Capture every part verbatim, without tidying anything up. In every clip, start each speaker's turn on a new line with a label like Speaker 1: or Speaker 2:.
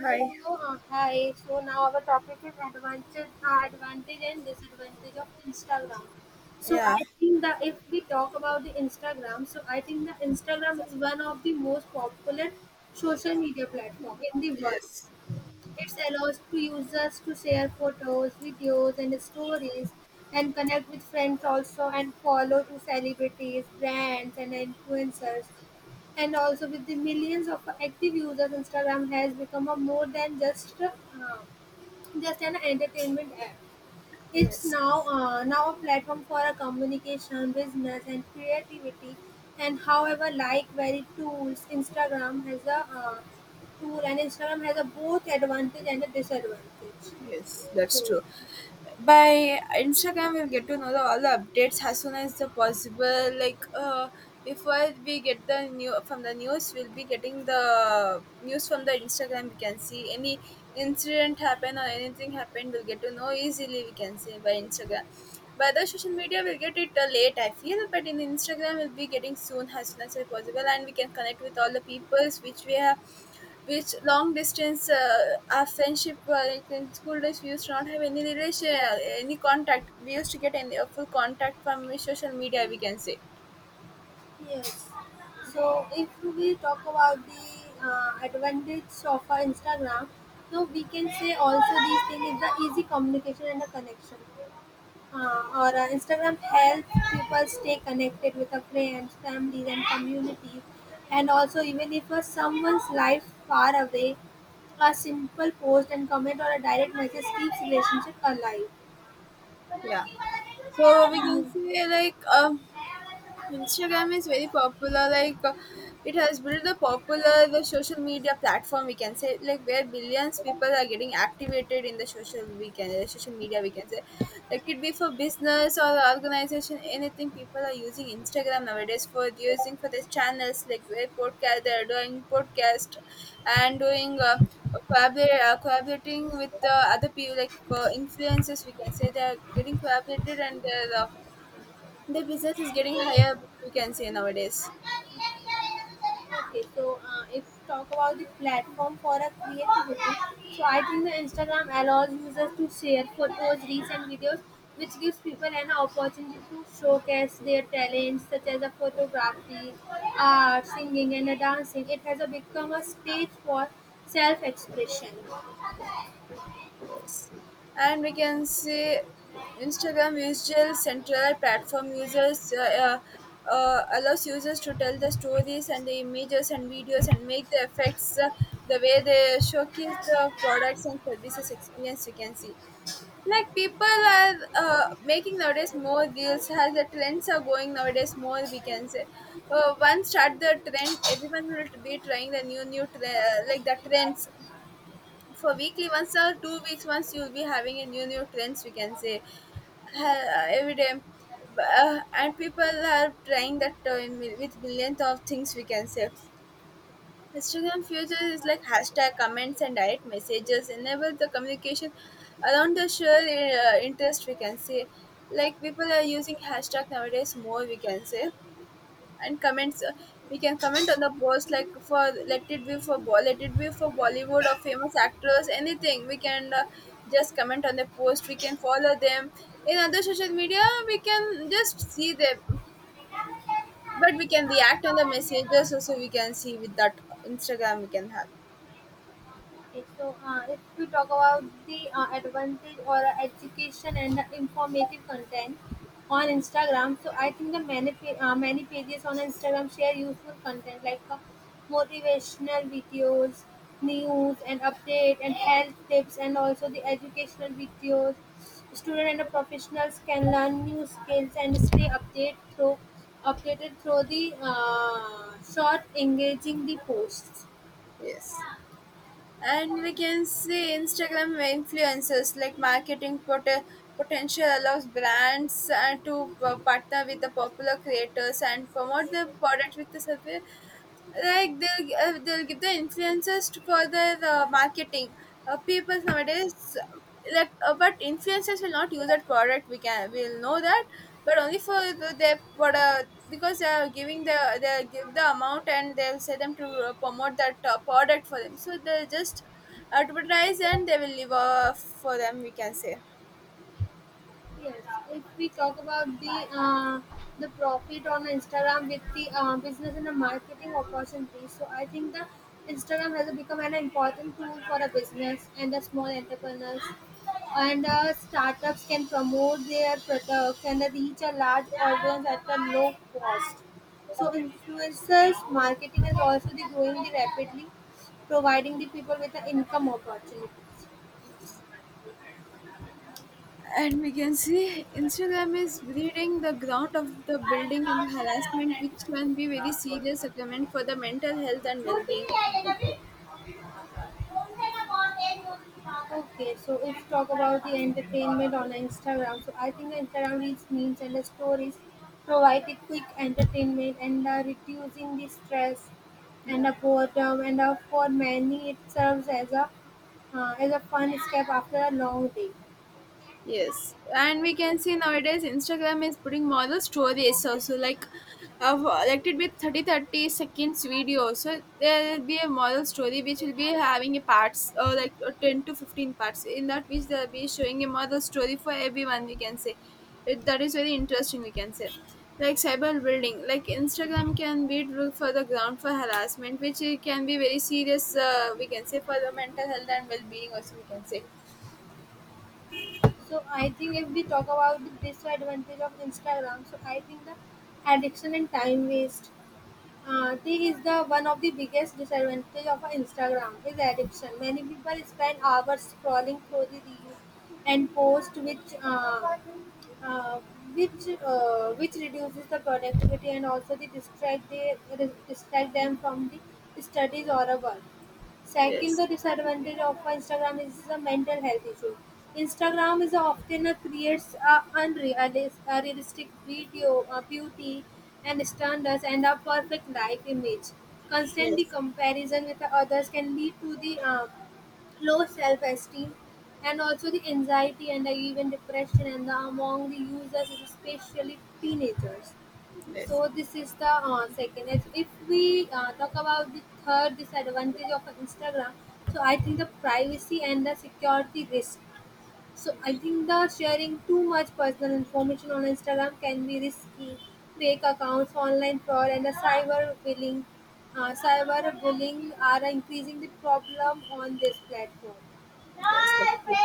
Speaker 1: Hi.
Speaker 2: Uh, hi. So now our topic is advantage, uh, advantage and disadvantage of Instagram. So
Speaker 1: Yeah,
Speaker 2: I think that if we talk about the Instagram, so I think that Instagram is one of the most popular social media platform in the world.
Speaker 1: yes,
Speaker 2: It allows to users to share photos, videos, and stories, and connect with friends also, and follow to celebrities, brands, and influencers. And also, with the millions of active users, Instagram has become a more than just uh, just an entertainment app. It's
Speaker 1: yes,
Speaker 2: now uh, now a platform for a communication, business, and creativity. And however, like very tools, Instagram has a uh, tool, and Instagram has a both advantage and a disadvantage.
Speaker 1: yes, that's
Speaker 2: So
Speaker 1: true. By Instagram, we'll get to know the, all the updates as soon as the possible. Like, uh, before we get the new from the news, we'll be getting the news from the Instagram. We can see any incident happen or anything happened, we'll get to know easily. We can see by Instagram. By other social media, we'll get it uh, late, I feel, but in Instagram, we'll be getting soon as soon as possible, and we can connect with all the peoples which we have, which long distance, uh, our friendship, uh, like in school days we used to not have any relation, uh, any contact, we used to get any a full contact from social media, we can say.
Speaker 2: yes, so if we talk about the uh, advantage of our Instagram, so we can say also these things is the easy communication and the connection. Um, or uh, Instagram helps people stay connected with our friends, families, and communities. And also, even if uh, someone's life far away, a simple post and comment or a direct message keeps relationship alive.
Speaker 1: Yeah, so we can
Speaker 2: Hmm.
Speaker 1: say, like, um Instagram is very popular. Like, uh, it has built the popular the social media platform. We can say, like, where billions people are getting activated in the social we can uh, social media, we can say. Like, it be for business or organization, anything. People are using Instagram nowadays for using for their channels, like, where podcast, they are doing podcast and doing. Uh, Collaborate, uh, collaborating with uh, other people, like, uh, influencers, we can say, they are getting collaborated, and they're uh, the business is getting higher, we can say nowadays.
Speaker 2: Okay, so uh, if talk about the platform for a creativity, so I think the Instagram allows users to share photos, reels, and videos, which gives people an opportunity to showcase their talents such as a photography, art, singing, and a dancing. It has a become a stage for self-expression.
Speaker 1: Yes, and we can say Instagram visual central platform users uh, uh, uh, allows users to tell the stories and the images and videos and make the effects, uh, the way they showcase the products and services experience, you can see. Like, people are uh, making nowadays more reels as the trends are going nowadays more, we can say. Uh, once start the trend, everyone will be trying the new new tre- uh, like the trends. For weekly once or two weeks once, you'll be having a new new trends, we can say, uh, every day, uh, and people are trying that, uh, with millions of things, we can say. Instagram future is like hashtag, comments and direct messages enable the communication around the shared uh, interest, we can say. Like, people are using hashtag nowadays more, we can say, and comments, uh, we can comment on the post. Like, for let it be for ball let it be for bollywood or famous actors, anything, we can uh, just comment on the post, we can follow them. In other social media, we can just see them, but we can react on the messages also, we can see. With that Instagram, we can have.
Speaker 2: Okay, so uh, if we talk about the uh, advantage or uh, education and informative content on Instagram, so I think the many pa- uh, many pages on Instagram share useful content like uh, motivational videos, news and update and health tips, and also the educational videos. Student and the professionals can learn new skills and stay update through updated through the uh, short engaging the posts.
Speaker 1: Yes. And we can see Instagram influencers like marketing pot- potential allows brands uh, to p- partner with the popular creators and promote their product with the survey, like, they'll uh, they'll give the influencers to- for their uh, marketing. Uh, people nowadays, uh, like, uh, but influencers will not use that product, We can we'll know that, but only for the, their product, because they are giving the they give the amount, and they'll say them to uh, promote that uh, product for them. So they just advertise, and they will live off for them, we can say.
Speaker 2: Yes, if we talk about the uh, the profit on Instagram with the uh, business and the marketing opportunities, so I think the Instagram has become an important tool for a business and the small entrepreneurs and uh, startups can promote their products and reach a large audience at a low cost. So influencers marketing is also the growing the rapidly, providing the people with an income opportunity.
Speaker 1: And we can see Instagram is breeding the ground of the building and harassment, which can be very serious supplement for the mental health and well being of the people.
Speaker 2: Okay, so if talk about the entertainment on Instagram, so I think Instagram reels, memes, and the stories provide a quick entertainment and are reducing the stress and
Speaker 1: Yeah.
Speaker 2: the boredom, and uh, for many it serves as a uh, as a fun escape after a long day.
Speaker 1: Yes, and we can see nowadays Instagram is putting model stories also, like, of like it be thirty thirty seconds video. So there will be a model story which will be having a parts or like, uh, ten to fifteen parts in that, which they'll be showing a model story for everyone, we can say it, that is very interesting, we can say. Like, cyber building, like Instagram can be root for the ground for harassment, which it can be very serious. Uh, we can say for the mental health and well being also, we can say.
Speaker 2: So I think if we talk about the disadvantage of Instagram, so I think the addiction and time waste. Uh, tea is the one of the biggest disadvantage of Instagram is addiction. Many people spend hours scrolling through the reels and posts, which uh, uh, which uh, which reduces the productivity and also they distract they distract them from the studies or a work. Second,
Speaker 1: Yes,
Speaker 2: the disadvantage of Instagram is the mental health issue. Instagram is often a creates a unrealistic video, a beauty and standards, and a perfect life image. Constantly
Speaker 1: yes,
Speaker 2: comparison with the others can lead to the uh, low self-esteem and also the anxiety and the even depression and the, among the users especially teenagers.
Speaker 1: yes.
Speaker 2: So this is the uh, second. If if we uh, talk about the third disadvantage of Instagram, so I think the privacy and the security risk. So I think the sharing too much personal information on Instagram can be risky. Fake accounts, online fraud, and the cyber bullying, uh, cyber bullying are increasing the problem on this platform.
Speaker 1: Yes, that's true.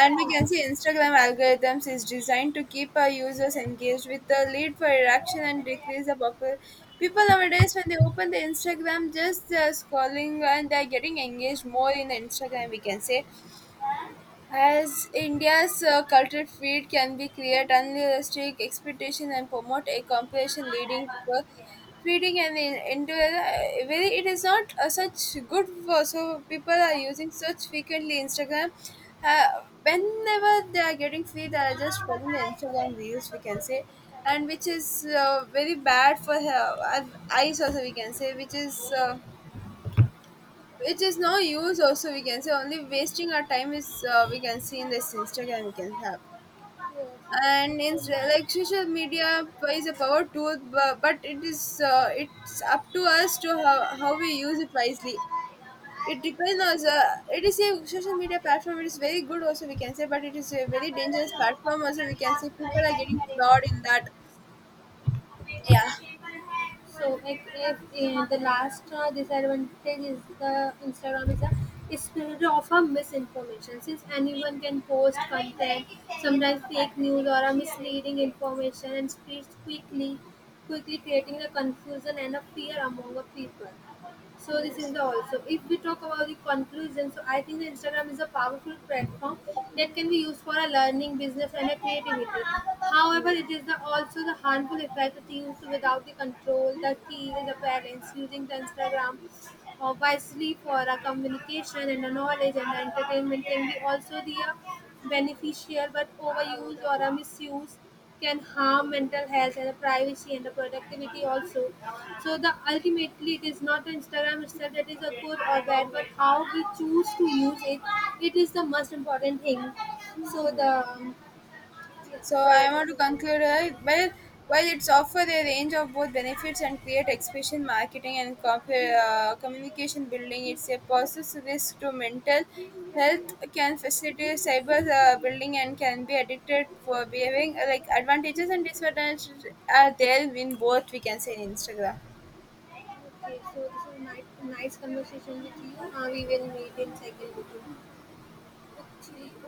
Speaker 1: And we can see Instagram algorithms is designed to keep our users engaged with the lead for reaction and decrease the popular. People nowadays, when they open the Instagram, just uh, scrolling, and they're getting engaged more in the Instagram, we can say. As India's uh, cultural field can be create unrealistic expectations and promote a competition leading to feeding and in, into a- where it is not uh, such good for, so people are using such frequently Instagram. Uh, Whenever they are getting free, they are just following the Instagram reels, we can say, and which is uh, very bad for her, our eyes also, we can say, which is. Uh, it is no use also, we can say, only wasting our time is, uh, we can see in this Instagram, we can have. And in, like, social media is a power tool, bu- but it is uh, it's up to us to how, how, we use it wisely. It depends on, uh, it is a social media platform, it is very good also, we can say, but it is a very dangerous platform also, we can say, people are getting fraud in that. Yeah,
Speaker 2: So if, if uh, the last uh, disadvantage is the Instagram is a is spread of a misinformation since anyone can post content, sometimes fake news or a misleading information and spreads quickly, quickly creating a confusion and a fear among the people. So this
Speaker 1: yes.
Speaker 2: is the also if we talk about the conclusion, so I think that Instagram is a powerful platform that can be used for a learning business and a creativity. However, it is the, also the harmful effect that used without the control, the key is the parents using the Instagram uh, wisely for a communication and a knowledge and a entertainment can be also the uh, beneficial, but overuse or a misuse can harm mental health and the privacy and the productivity also. So the ultimately it is not the Instagram itself that is a good or bad, but how we choose to use it, it is the most important thing. So the um, yeah,
Speaker 1: So
Speaker 2: so
Speaker 1: I
Speaker 2: this
Speaker 1: want
Speaker 2: is
Speaker 1: to conclude, uh,
Speaker 2: all.
Speaker 1: well, while it's offer a range of both benefits and create expression marketing and comp- uh, communication building, it's a process risk to mental health, can facilitate cyber uh, building, and can be addicted for behaving, uh, like advantages and disadvantages are there in both, we can say, in Instagram.
Speaker 2: Okay. So this is nice nice conversation with you. Uh, we will meet in second. Okay.